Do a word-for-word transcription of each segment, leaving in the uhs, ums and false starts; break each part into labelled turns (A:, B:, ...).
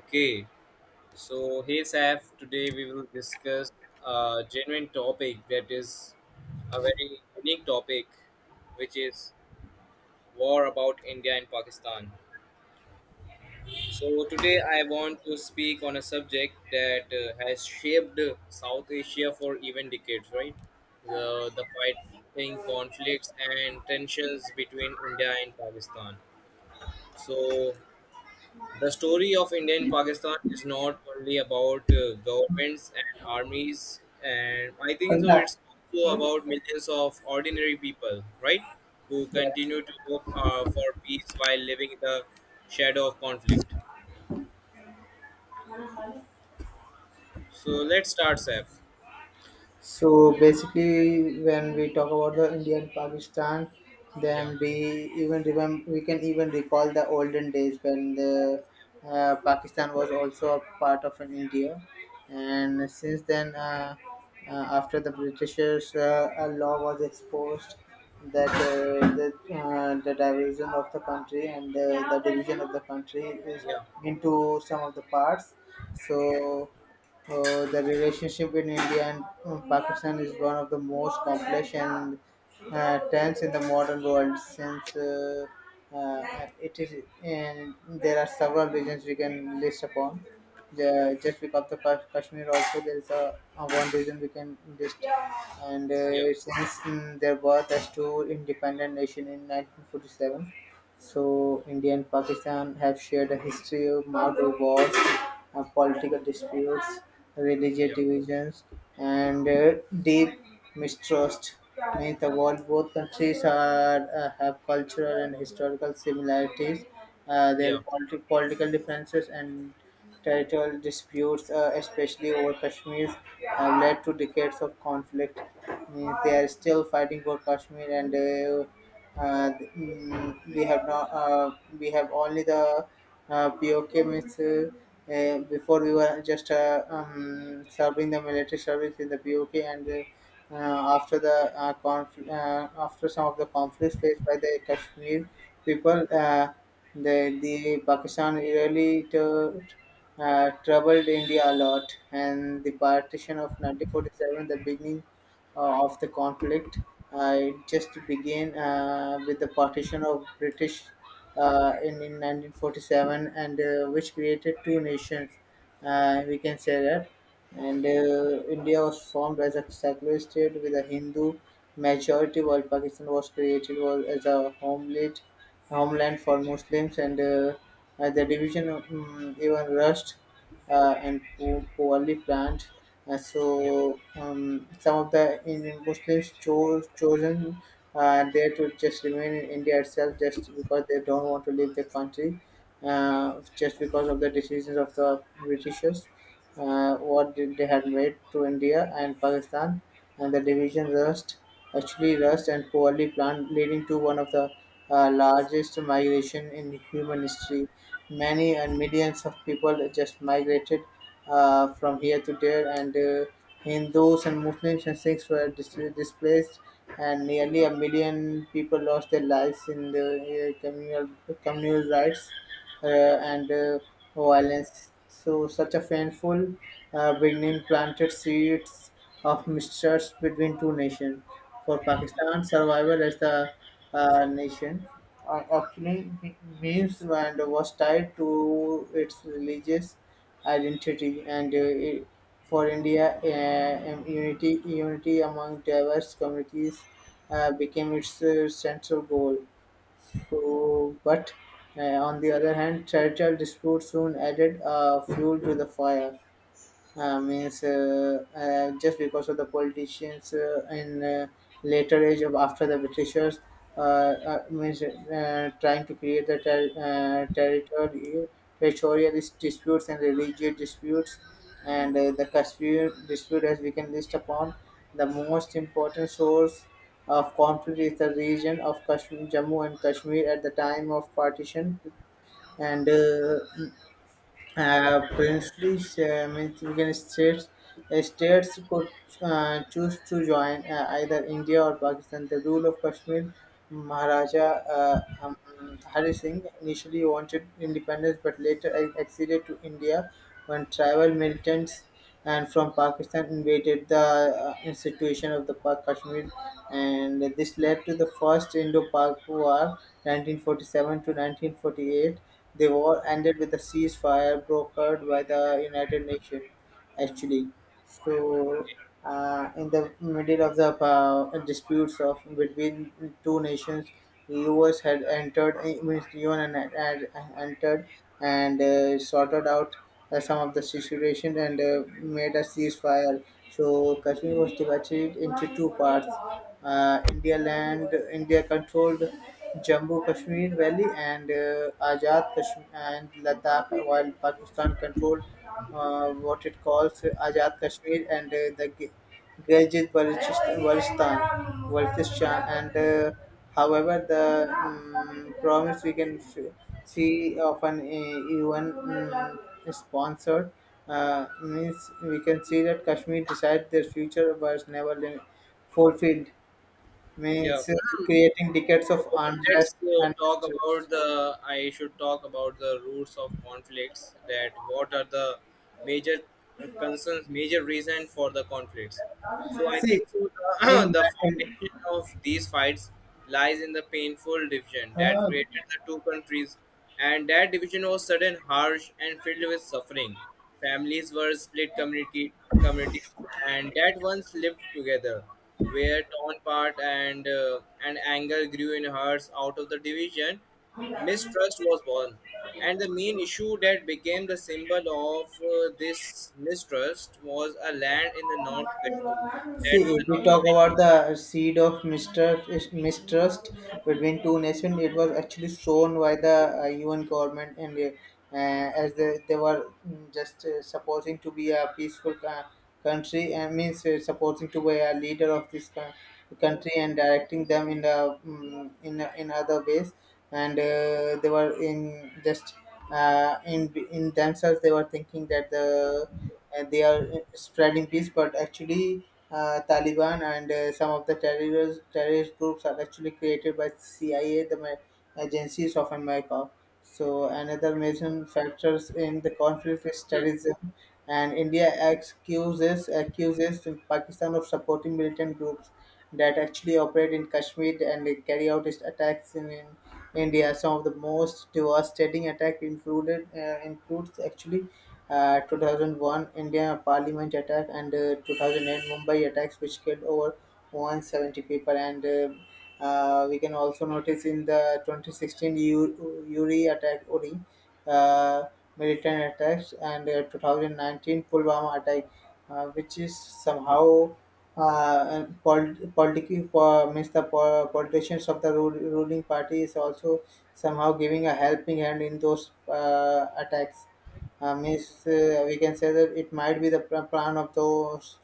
A: Okay, so hey Saf, today we will discuss a genuine topic that is a very unique topic, which is war about India and Pakistan. So today I want to speak on a subject that uh, has shaped South Asia for even decades, right? The the fighting conflicts and tensions between India and Pakistan. So the story of Indian Pakistan is not only about uh, governments and armies, and I think so.
B: Punjab.
A: It's also about millions of ordinary people, right, who
B: Yeah.
A: continue to hope uh, for peace while living in the shadow of conflict. So let's start, Saf.
B: So basically, when we talk about the India and Pakistan,
A: Yeah,
B: then we even remember we can even recall the olden days when the uh, Pakistan was also a part of an India, and since then, uh, uh, after the Britishers, uh, a law was exposed that uh, the uh, the division of the country and uh, the division of the country is
A: yeah,
B: into some of the parts. So. Uh, the relationship in India and uh, Pakistan is one of the most complex and uh, tense in the modern world since uh, uh, it is and there are several regions we can list upon Ju- just because of the Kash- Kashmir. Also there is a, a one region we can list, and
A: yeah,
B: uh, since mm, their birth as two independent nation in nineteen forty-seven, so India and Pakistan have shared a history of multiple wars, uh, political disputes, religious
A: yeah,
B: divisions, and uh, deep mistrust. In the world, both countries are, uh, have cultural and historical similarities. Uh, their
A: yeah,
B: politi- political differences and territorial disputes, uh, especially over Kashmir, have led to decades of conflict. Means they are still fighting for Kashmir, and uh, uh, mm, we have not. Uh, we have only the uh, B O K Ms. Uh, uh, before, we were just uh, um, serving the military service in the B O K, and uh, uh, after the uh, conf- uh, after some of the conflicts faced by the Kashmir people, uh, the, the Pakistan really to, uh, troubled India a lot. And the partition of nineteen forty-seven, the beginning uh, of the conflict. Uh, it just began uh, with the partition of British, uh, in, in nineteen forty-seven, and uh, which created two nations. Uh, we can say that. And uh, India was formed as a secular state with a Hindu majority, while Pakistan was created was, as a homeland homeland for Muslims, and uh, uh, the division um, even rushed uh, and po- poorly planned. Uh,
A: yeah,
B: so um, some of the Indian Muslims chose chosen uh, there to just remain in India itself, just because they don't want to leave the country, uh, just because of the decisions of the Britishers uh, what did they had made to India and Pakistan, and the division rust, actually rust and poorly planned, leading to one of the uh, largest migration in human history. Many and millions of people just migrated uh, from here to there, and uh, Hindus and Muslims and Sikhs were dis- displaced, and nearly a million people lost their lives in the uh, communal communal riots uh, and uh, violence. So, such a painful uh, beginning planted seeds of mistrust between two nations. For Pakistan, survival as the uh, nation uh, actually me- means and was tied to its religious identity, and uh, it, for India, uh, um, unity unity among diverse communities uh, became its uh, central goal. So, but uh, on the other hand, territorial disputes soon added uh, fuel to the fire, uh, means uh, uh, just because of the politicians uh, in uh, later age of after the Britishers, uh, uh, means uh, trying to create the ter- uh, territory territorial dis- disputes and religious disputes, and uh, the Kashmir dispute. As we can list upon, the most important source of conflict is the region of Kashmir, Jammu and Kashmir. At the time of partition and uh, uh, princely uh, means we can states uh, states could uh, choose to join uh, either India or Pakistan. The rule of Kashmir, Maharaja uh, um, Hari Singh initially wanted independence but later ac- acceded to India when tribal militants and from Pakistan invaded the uh, institution of the Pa- Kashmir, and this led to the first Indo-Pak War, nineteen forty-seven to nineteen forty-eight. The war ended with a ceasefire brokered by the United Nations, actually. So, uh, in the middle of the uh, disputes of between two nations, U S had entered, I mean, U N had, had entered and uh, sorted out uh, some of the situation and uh, made a ceasefire. So Kashmir was divided into two parts. Uh, India land, India controlled Jammu Kashmir Valley and uh, Azad Kashmir and Ladakh, while Pakistan controlled uh, what it calls Azad Kashmir and uh, the Gi- Gilgit, Baltistan, Baltistan, and uh, however the um, promise we can f- see of an uh, U N um, sponsored uh, means we can see that Kashmir decided their future was never li- fulfilled,
A: yeah.
B: means uh, creating decades
A: So
B: of unrest
A: let's uh,
B: and
A: talk about
B: mistrust.
A: the. I should talk about the roots of conflicts. That what are the major uh, concerns, major reason for the conflicts. So I
B: See,
A: think so the,
B: in,
A: the
B: in
A: foundation of these fights lies in the painful division that
B: uh,
A: created the two countries, and that division was sudden, harsh, and filled with suffering. Families were split community, communities, and that once lived together were torn apart, and uh, and anger grew in hearts. Out of the division, mistrust was born, and the main issue that became the symbol of uh, this mistrust was a land in the North Kashmir. That
B: See,
A: the
B: if we
A: North
B: talk about the seed of mistrust, mistrust between two nations, it was actually sown by the uh, U N government, and uh, uh, as they, they were mm, just uh, supposing to be a peaceful uh, country, and means uh, supposing to be a leader of this coun- country and directing them in the mm in in other ways, and uh, they were in just uh, in in themselves they were thinking that the and they are spreading peace, but actually uh, Taliban and uh, some of the terrorist terrorist groups are actually created by C I A, the ma- agencies of America. So another major factors in the conflict is terrorism, and India accuses accuses Pakistan of supporting militant groups that actually operate in Kashmir and they carry out its attacks in, in India. Some of the most devastating attack included uh, includes actually uh, two thousand one India Parliament attack and uh, two thousand eight Mumbai attacks, which killed over one hundred seventy people. And uh, uh, we can also notice in the twenty sixteen U- Uri attack, Uri uh, militant attacks, and uh, twenty nineteen Pulwama attack, uh, which is somehow uh, polit- politically for means the po- politicians of the ru- ruling party is also somehow giving a helping hand in those uh, attacks, uh, means uh, we can say that it might be the pl- plan of those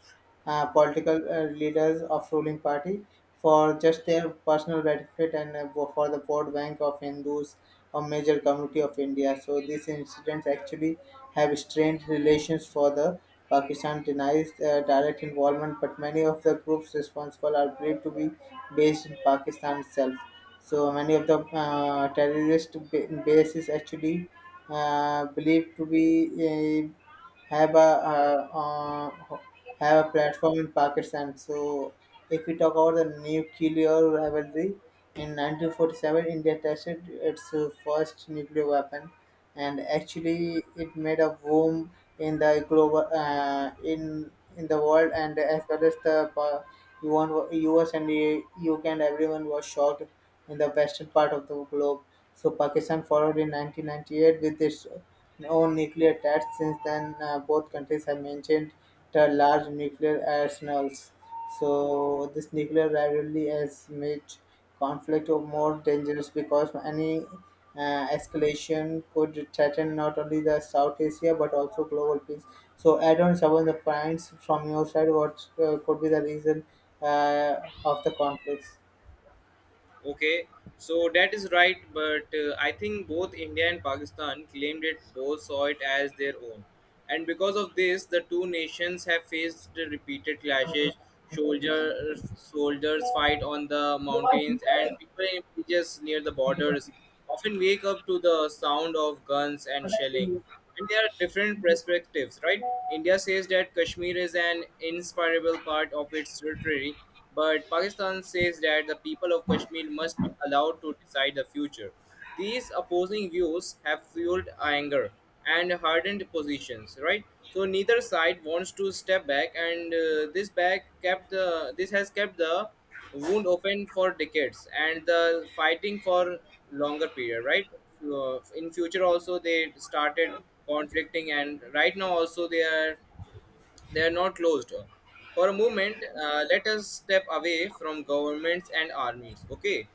B: uh, political uh, leaders of ruling party for just their personal benefit and uh, for the vote bank of Hindus or major community of India. So these incidents actually have strained relations for the Pakistan denies uh, direct involvement, but many of the groups responsible are believed to be based in Pakistan itself. So many of the uh, terrorist ba- base is actually uh, believed to be uh, have a uh, uh, have a platform in Pakistan. So if we talk about the nuclear rivalry, in nineteen forty-seven India tested its uh, first nuclear weapon, and actually it made a boom in the global uh, in in the world and as well as the. pa- U S and uh, U K, and everyone was shocked in the western part of the globe. So Pakistan followed in nineteen ninety-eight with its own nuclear tests. Since then, uh, both countries have maintained the large nuclear arsenals. So this nuclear rivalry has made conflict more dangerous because any uh, escalation could threaten not only the South Asia but also global peace. So add on some of the points from your side. What uh, could be the reason uh, of the conflicts?
A: okay, so that is right, but uh, I think both India and Pakistan claimed it, both saw it as their own. And because of this, the two nations have faced the repeated clashes. Soldiers, soldiers fight on the mountains, and people in villages near the borders often wake up to the sound of guns and shelling, and there are different perspectives, right? India says that Kashmir is an inseparable part of its territory, but Pakistan says that the people of Kashmir must be allowed to decide the future. These opposing views have fueled anger and hardened positions, right? So neither side wants to step back, and uh, this back kept the this has kept the wound open for decades and the fighting for longer period, right? Uh, in future also they started conflicting, and right now also they are they are not closed. For a moment, uh, let us step away from governments and armies. Okay,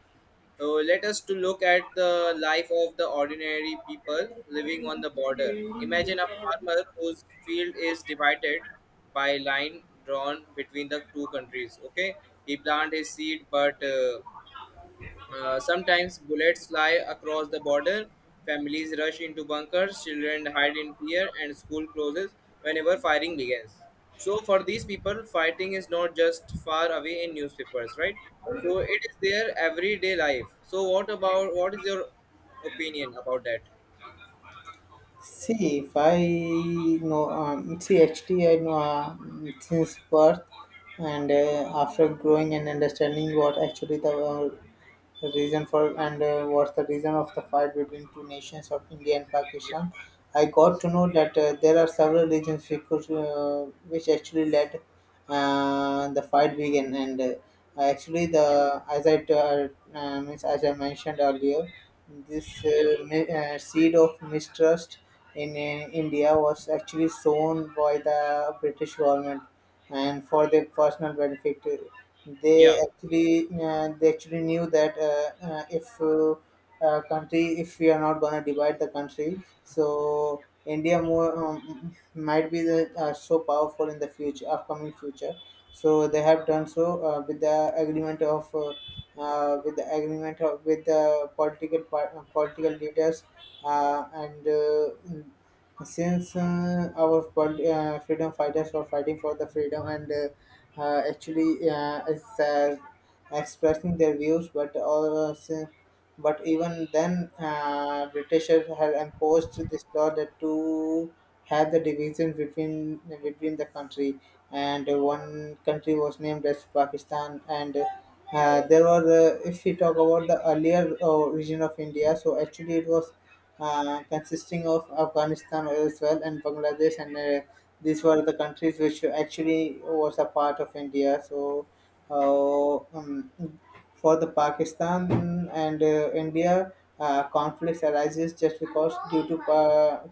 A: so let us to look at the life of the ordinary people living on the border. Imagine a farmer whose field is divided by line drawn between the two countries. Okay, he planted his seed, but uh, uh, sometimes bullets fly across the border, families rush into bunkers, children hide in fear, and school closes whenever firing begins. So, for these people, fighting is not just far away in newspapers, right? So, it is their everyday life. So, what about what is your opinion about that?
B: See, if I know, um, see, actually, I know uh, since birth, and uh, after growing and understanding what actually the uh, reason for and uh, what's the reason of the fight between two nations of India and
A: Yeah,
B: Pakistan, I got to know that uh, there are several reasons we could, uh, which actually led uh, the fight began. And uh, actually
A: yeah,
B: the as I t- uh, uh, means as I mentioned earlier, this
A: yeah,
B: uh, mi- uh, seed of mistrust in uh, India was actually sown by the British government, and for their personal benefit they
A: yeah.
B: actually, uh, they actually knew that uh, uh, if uh, uh, country, if we are not going to divide the country, so india more, um, might be the uh, so powerful in the future upcoming future. So they have done so uh, with the agreement of uh, uh, with the agreement of, with the political par- uh, political leaders, uh, and uh, since uh, our pol- uh, freedom fighters were fighting for the freedom, and uh, uh, actually uh, it's uh, expressing their views, but also, but even then, uh, Britishers had imposed this law that to have the division between between the country, and one country was named as Pakistan. And uh, there was, uh, if we talk about the earlier uh, region of India, so actually it was uh, consisting of Afghanistan, as well, and Bangladesh, and uh, these were the countries which actually was a part of India. So, uh, um, for the Pakistan and uh, India, uh, conflicts arises just because due to uh,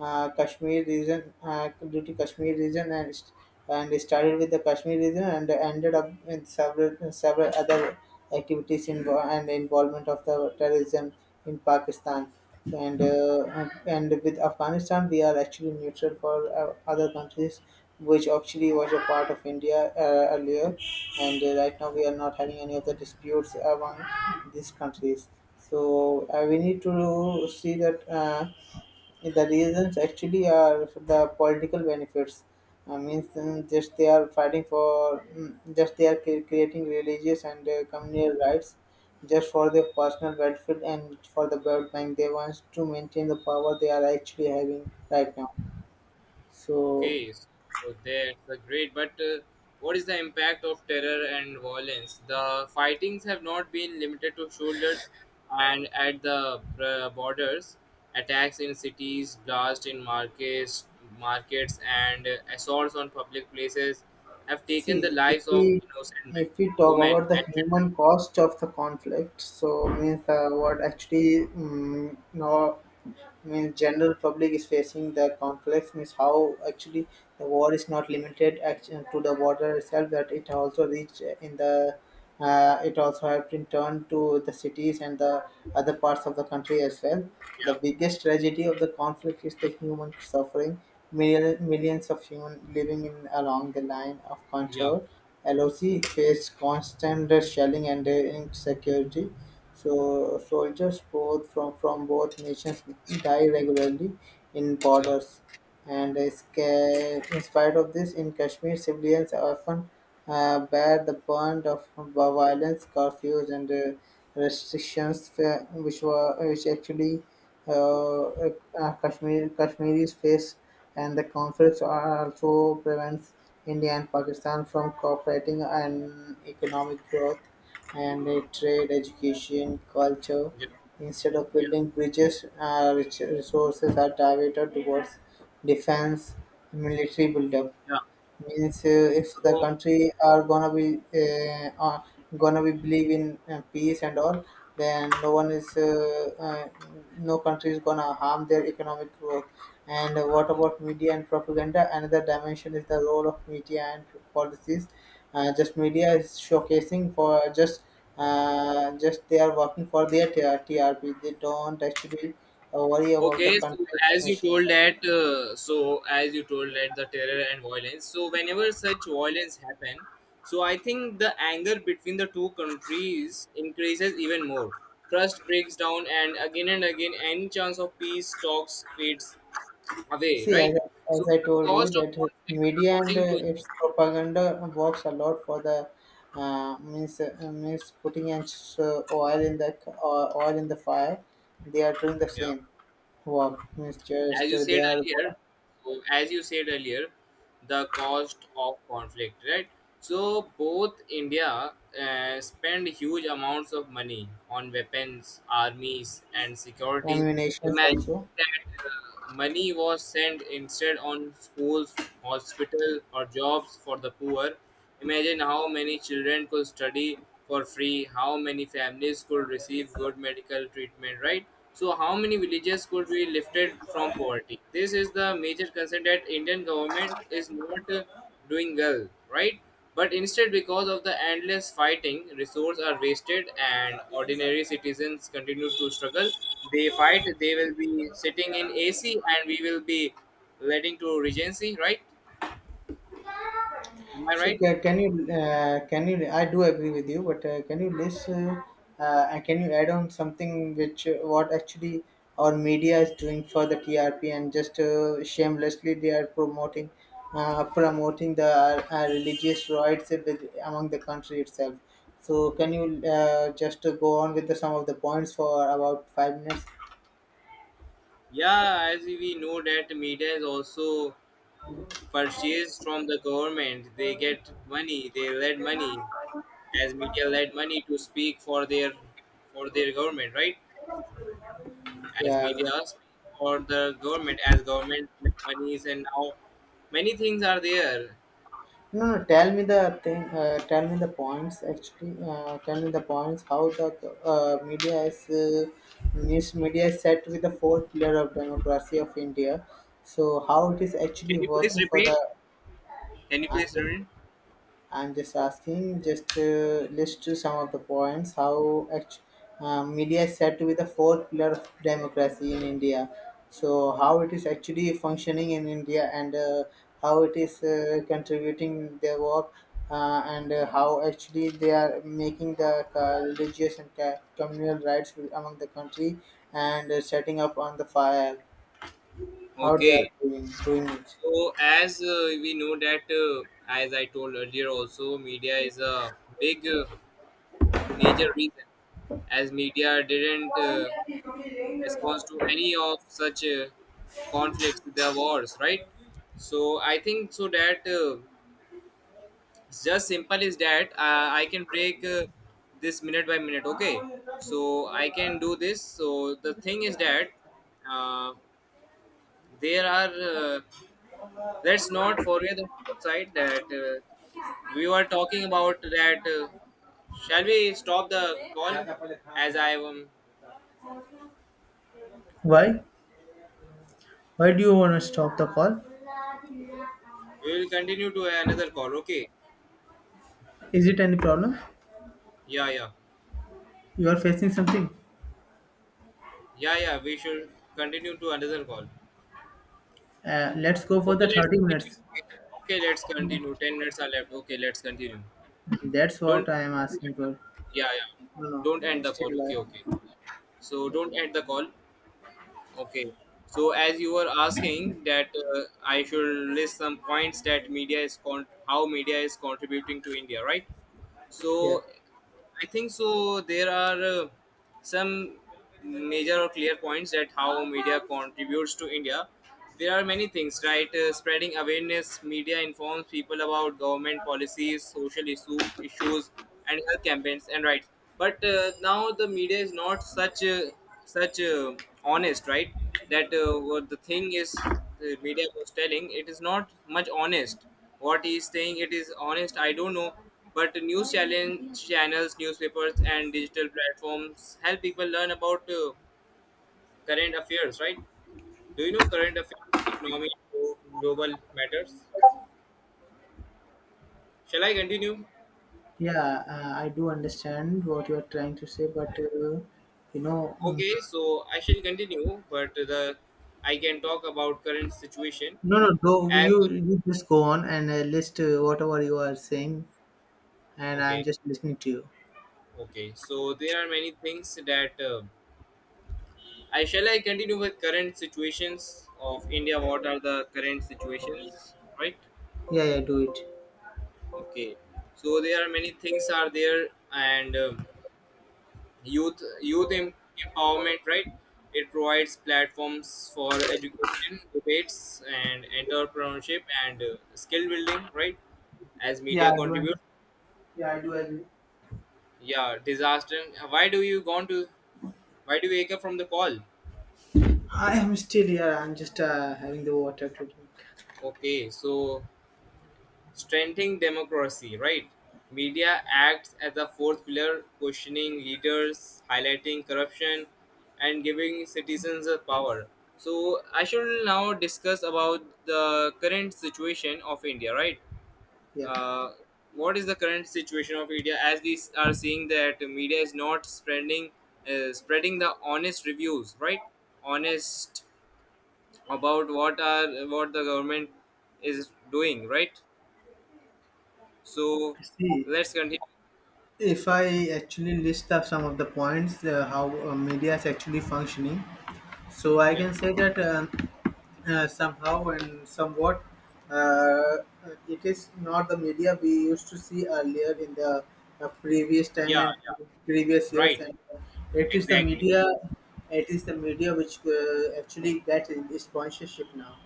B: uh, Kashmir region uh, due to Kashmir region and st- and it started with the Kashmir region and ended up in several several other activities invo- and involvement of the terrorism in Pakistan. And uh, and with Afghanistan we are actually neutral for uh, other countries which actually was a part of India uh, earlier, and uh, right now we are not having any of the disputes among these countries. so uh, we need to see that. Uh, the reasons actually are the political benefits. I mean, mm, just they are fighting for, mm, just they are cre- creating religious and uh, communal rights, just for their personal benefit and for the World Bank. They want to maintain the power they are actually having right now. So.
A: Okay, so that's a great. But uh, what is the impact of terror and violence? The fightings have not been limited to shoulders and at the uh, borders. Attacks in cities, blasts in markets, markets, and uh, assaults on public places have taken the
B: See, if
A: lives of
B: we
A: innocent men,
B: if we talk
A: women,
B: about the
A: and children.
B: human cost of the conflict, so means uh, what actually mm no, means general public is facing the conflict, means how actually the war is not limited action to the water itself, that it also reached in the uh, it also has been turned to the cities and the other parts of the country as well.
A: Yeah,
B: The biggest tragedy of the conflict is the human suffering. Mil- millions of humans living in along the line of
A: yeah,
B: control. L O C faced constant shelling and uh, insecurity. So soldiers both from, from both nations die regularly in
A: yeah,
B: borders. And is- in spite of this, in Kashmir, civilians often uh, bear the brunt of violence, curfews, and uh, restrictions, uh, which were which actually uh, uh, Kashmir, Kashmiris face, and the conflicts are also prevents India and Pakistan from cooperating on economic growth and uh, trade, education, culture.
A: yeah,
B: Instead of
A: yeah,
B: building bridges, uh, res- resources are diverted towards defense, military buildup.
A: yeah.
B: Means uh, if the
A: So
B: country are gonna be uh, uh, gonna be believe in uh, peace and all, then no one is uh, uh, no country is gonna harm their economic growth. And what about media and propaganda? Another dimension is the role of media and policies. Uh, just media is showcasing for just uh, just they are working for their T R- trp, they don't actually uh, worry about the
A: okay, so
B: country
A: as you
B: nation.
A: told that, uh, so as you told that the terror and violence. So whenever such violence happen, so I think the anger between the two countries increases even more. Trust breaks down, and again and again, any chance of peace talks fades away.
B: See, as,
A: Right.
B: I-
A: So
B: as I
A: the
B: told you,
A: cost of
B: that uh,
A: conflict,
B: media and
A: according to
B: uh,
A: you,
B: its propaganda works a lot for the uh, means uh, means putting in s- uh, oil in the c- uh, oil in the fire. They are doing the
A: yeah,
B: same work. Means
A: as
B: just
A: you
B: uh,
A: said
B: they are
A: earlier, so as you said earlier, the cost of conflict, right? So both India uh, spend huge amounts of money on weapons, armies, and security.
B: ammunitions
A: Imagine
B: also.
A: that uh, money was sent instead on schools, hospital, or jobs for the poor. Imagine how many children could study for free, how many families could receive good medical treatment, right? So how many villages could be lifted from poverty? This is the major concern that Indian government is not uh, doing well, right? But instead, because of the endless fighting, resources are wasted and ordinary citizens continue to struggle. They fight, they will be sitting in A C and we will be letting to regency, right? Am I
B: So
A: right?
B: ca- can you uh, can you? I do agree with you, but uh, can you list uh, uh, and can you add on something which uh, what actually our media is doing for the T R P and just uh, shamelessly they are promoting uh, promoting the uh, religious rights with, among the country itself. So can you uh, just uh, go on with the, some of the points for about five minutes?
A: Yeah, as we know that media is also purchased from the government. They get money, they lend money, as media lend money to speak for their for their government, right? As
B: Yeah.
A: media speak for the government, as government lend monies and now many things are there.
B: No, no, tell me the thing, uh, tell me the points actually, uh, tell me the points how the uh, media is, uh, news media is set with the fourth pillar of democracy of India. So how it is actually
A: Can you please
B: working for
A: repeat?
B: the.
A: Can you
B: I'm
A: please
B: just
A: repeat?
B: I'm just asking, just uh, list some of the points how act- uh, media is said to be the fourth pillar of democracy in India. So, how it is actually functioning in India, and uh, how it is uh, contributing their work uh, and uh, how actually they are making the uh, religious and ca- communal rights among the country and uh, setting up on the fire, how they are
A: Okay.
B: doing, doing it.
A: So as uh, we know that, uh, as I told earlier, also media is a big. Uh, major reason, as media didn't uh, respond to any of such uh, conflicts, the wars, right? So I think so that uh, just simple is that uh, I can break uh, this minute by minute. Okay, so I can do this. So the thing is that. Uh, there are, uh, let's not forget the flip side that uh, we were talking about that. Uh, shall we stop the call? As I um,
B: Why? Why do you want to stop the call?
A: we will continue to another call. Okay.
B: Is it any problem?
A: Yeah, yeah,
B: You are facing something.
A: yeah, yeah. We should continue to another call.
B: Uh, let's go for
A: Okay,
B: the
A: let's
B: thirty
A: continue.
B: minutes.
A: Okay, okay, let's continue. Ten minutes are left. Okay, let's continue.
B: That's what
A: Don't.
B: I am asking for.
A: Yeah, yeah.
B: No, no,
A: Don't end
B: I'm
A: the
B: still
A: call.
B: live.
A: Okay, okay. So don't
B: Okay.
A: end the call. Okay. So as you were asking that uh, I should list some points that media is con- how media is contributing to India, right?
B: Yeah.
A: So I think so. There are uh, some major or clear points that how media contributes to India. There are many things, right? Uh, spreading awareness, media informs people about government policies, social issue, issues, and health campaigns and rights. But uh, now the media is not such uh, such uh, honest, right? That uh, what the thing is, the media was telling it is not much honest, what he's saying, it is honest, I don't know. But the news challenge channels, newspapers, and digital platforms help people learn about uh, current affairs, right? Do you know current affairs, economy, glo- global matters? Shall I continue?
B: Yeah, uh, I do understand what you are trying to say, but uh, you know, mm,
A: Okay, so I shall continue, but the I can talk about current situation
B: no, no, go.
A: as
B: You, you just go on and uh, list uh, whatever you are saying, and I'm
A: okay,
B: just listening to you.
A: okay, so there are many things that uh, I shall I continue with current situations of India. What are the current situations, right?
B: Yeah, yeah, do it.
A: Okay, so there are many things are there, and um youth youth em- empowerment, right? It provides platforms for education, debates, and entrepreneurship and uh, skill building, right? As
B: Yeah,
A: media
B: I do.
A: contribute,
B: un- Yeah, I do agree.
A: yeah, disaster. Why do you gone to? Why do you wake up from the call?
B: I am still here. I'm just uh, having the water to drink.
A: Okay, so strengthening democracy, right? Media acts as a fourth pillar, questioning leaders, highlighting corruption, and giving citizens the power. So I shall now discuss about the current situation of India, right?
B: Yeah.
A: Uh, what is the current situation of India? As we s- are seeing that media is not spreading, uh, spreading the honest reviews, right? Honest about what are what the government is doing, right? So
B: See,
A: let's continue.
B: if I actually list up some of the points, uh, how uh, media is actually functioning, so I
A: Yeah,
B: can say that um, uh, somehow and somewhat uh, it is not the media we used to see earlier in the uh, previous
A: yeah,
B: time and previous years,
A: right,
B: and uh, it is the
A: exactly.
B: media. It is the media which uh, actually gets sponsorship now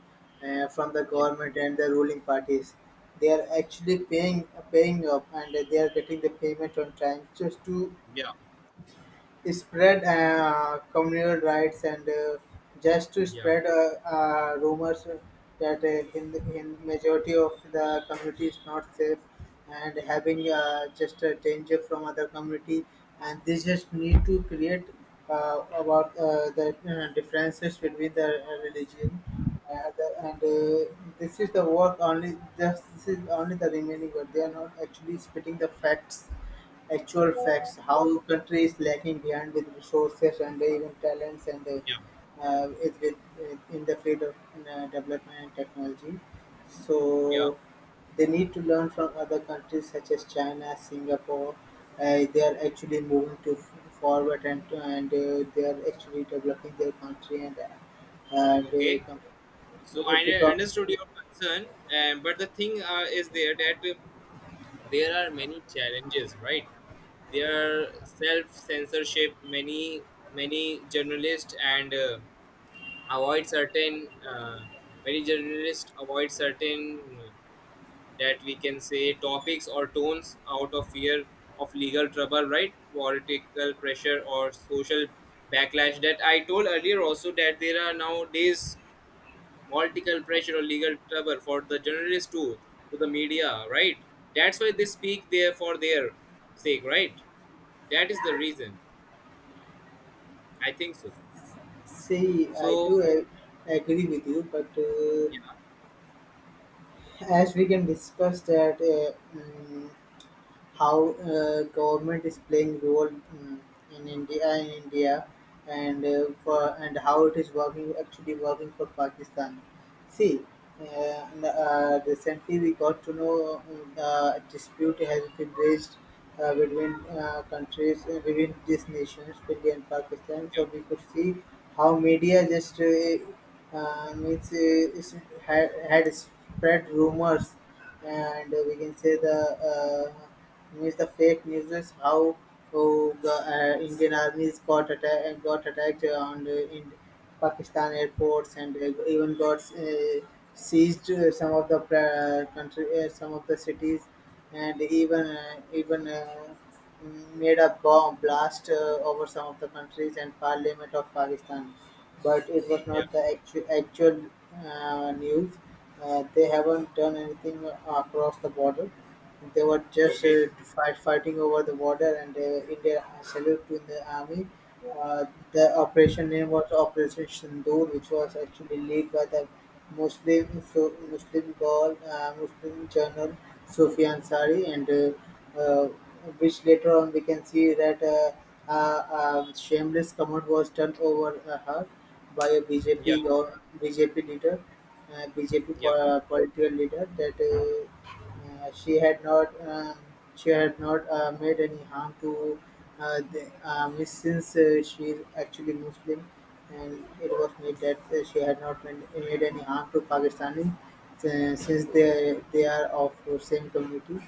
B: uh, from the
A: Yeah.
B: government and the ruling parties. They are actually paying paying up, and they are getting the payment on time just to
A: Yeah,
B: spread uh, communal rights and uh, just to
A: yeah,
B: spread uh, uh, rumors that uh, in, in majority of the community is not safe and having uh, just a danger from other community, and they just need to create uh, about uh, the uh, differences between the uh, religion, and, and uh, this is the work only, just this is only the remaining work. They are not actually spitting the facts, actual facts, how country is lacking behind with resources and even talents and uh,
A: yeah,
B: uh, it, it, it, in the field of uh, development and technology.
A: yeah,
B: So they need to learn from other countries such as China, Singapore. Uh, they are actually moving to f- forward, and and uh, they are actually developing their country and uh, and
A: okay,
B: uh, com-
A: so I
B: if we talk.
A: understood your concern, and but the thing uh, is there that uh, there are many challenges, right? There are self censorship, many many journalists and uh, avoid certain uh, many journalists avoid certain that we can say topics or tones out of fear of legal trouble, right? Political pressure or social backlash. That I told earlier also that there are nowadays political pressure or legal trouble for the journalists too, to the media, right? That's why they speak there for their sake, right? That is the reason. I think so.
B: See, I
A: So
B: do uh, agree with you, but uh,
A: yeah,
B: as we can discuss that. Uh, mm, how uh, government is playing role, mm, in India in India and uh,
A: yeah,
B: for and how it is working, actually working for Pakistan. See, uh, n- uh, recently we got to know, mm, uh, a dispute has been raised uh, between uh, countries uh, between these nations, India and Pakistan.
A: yeah,
B: So we could see how media just uh, uh, means uh, it's had, had spread rumors, and we can say the uh, means the fake news is how, oh, the uh, Indian armies got attacked uh, got attacked on the, in Pakistan airports, and uh, even got uh, seized uh, some of the pra- country uh, some of the cities, and even uh, even uh, made a bomb blast uh, over some of the countries and parliament of Pakistan. But it was
A: yeah.
B: not the actual actual uh, news. Uh, they haven't done anything uh, across the border. They were just
A: Okay,
B: uh, fight, fighting over the border, and uh, India salute to the army. Uh, the operation name was Operation Sindoor, which was actually led by the Muslim so Muslim Gaul, uh, Muslim journal Sufi Ansari, and uh, uh, which later on we can see that uh, uh, uh, shameless comment was turned over uh, her by a
A: yeah,
B: B J P or B J P leader, uh, BJP po-
A: yeah.
B: uh, political leader that uh, uh, she had not um, she had not uh, made any harm to uh, the, uh, Miss, since uh, she is actually Muslim, and it was made that uh, she had not made, made any harm to Pakistani, uh, since they they are of the same community.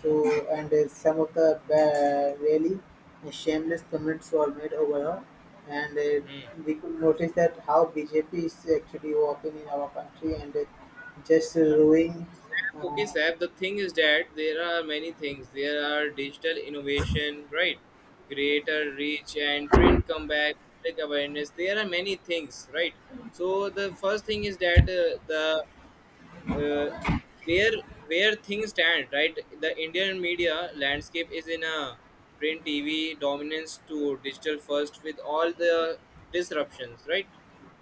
B: So, and uh, some of the uh, really shameless comments were made over her, and uh,
A: Hmm.
B: we could notice that how B J P is actually working in our country and uh, just ruining
A: Okay,
B: uh,
A: Sab, the thing is that there are many things. There are digital innovation, right? Greater reach and print comeback, public awareness. There are many things, right? So the first thing is that uh, the uh, where where things stand, right? The Indian media landscape is in a print TV dominance to digital first with all the disruptions, right?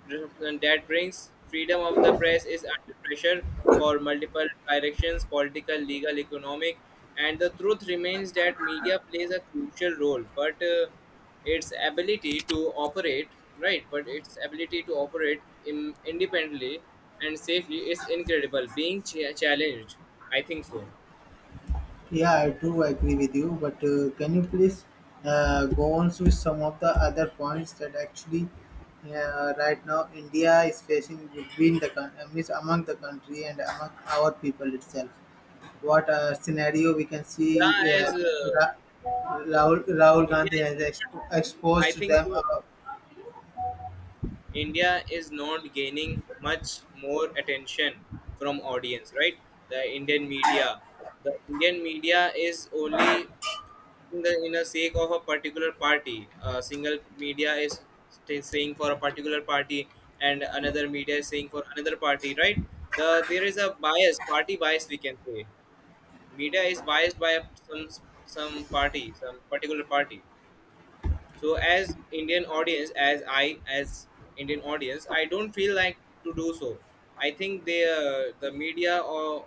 A: Disruption that brings freedom of the press is under pressure for multiple directions, political, legal, economic, and the truth remains that media plays a crucial role, but uh, its ability to operate right but its ability to operate in, independently and safely is incredible being ch- challenged, I think so.
B: Yeah, I do agree with you, but uh, can you please uh, go on with some of the other points that actually uh, right now India is facing between the coun- uh, means among the country and among our people itself? What uh, scenario we can see?
A: Yeah,
B: Uh,
A: as uh,
B: Ra- Rahul, Rahul
A: India
B: Gandhi
A: is
B: has ex-
A: not I
B: exposed
A: think
B: them.
A: so
B: Uh,
A: India is not gaining much more attention from audience, right? The indian media the indian media is only in the in a sake of a particular party. A single media is st- saying for a particular party, and another media is saying for another party. Right? The there is a bias, party bias, we can say. Media is biased by some some party, some particular party. So as Indian audience, as I as Indian audience, I don't feel like to do so. I think they uh, the media or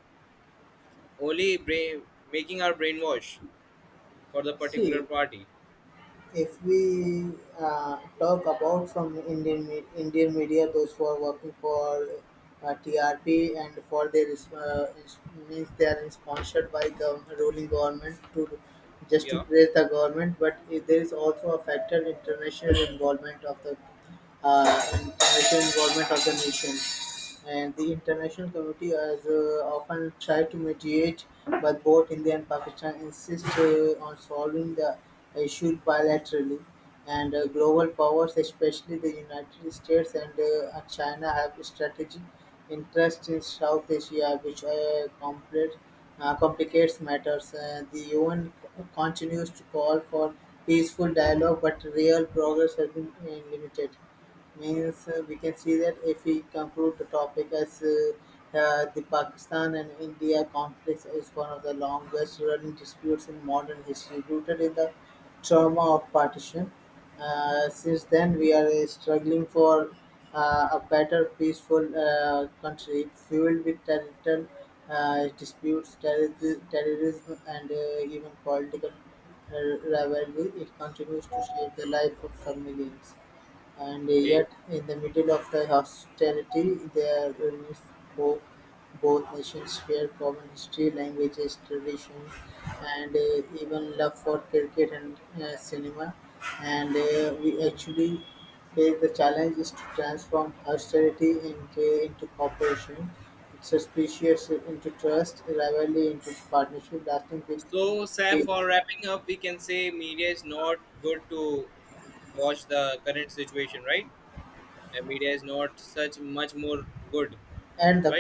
A: only brain making our brainwash for the particular
B: see,
A: party.
B: if we uh, talk about from Indian me- Indian media, those who are working for uh, T R P and for their uh, ins- means they are sponsored by the ruling government to just to
A: Yeah.
B: praise the government, but i- there is also a factor international involvement of the uh, financial involvement of the nation. And the international community has uh, often tried to mediate, but both India and Pakistan insist uh, on solving the issue bilaterally. And uh,
A: Okay.
B: global powers, especially the United States and uh, uh, China, have strategic interest in South Asia, which uh, complicate uh, complicates matters. Uh, the U N continues to call for peaceful dialogue, but real progress has been uh, limited. Means uh, we can see that if we conclude the topic as uh, uh, the Pakistan and India conflict is one of the longest running disputes in modern history, rooted in the trauma of partition. Uh, since then, we are uh, struggling for uh, a better, peaceful uh, country fueled with territorial uh, disputes, terror- terrorism, and uh, even political uh, rivalry. It continues to shape the life of some millions. And
A: Okay.
B: yet, in the middle of the hostility, there remains hope. Both nations share common history, languages, traditions, and uh, even love for cricket and uh, cinema. And uh, we actually face the challenge is to transform hostility into, into cooperation, suspicious into trust, rivalry into partnership, lasting
A: So, Saif,
B: peace,
A: for wrapping up, we can say media is not good to watch the current situation, right? And media is not such much more good,
B: and the
A: right?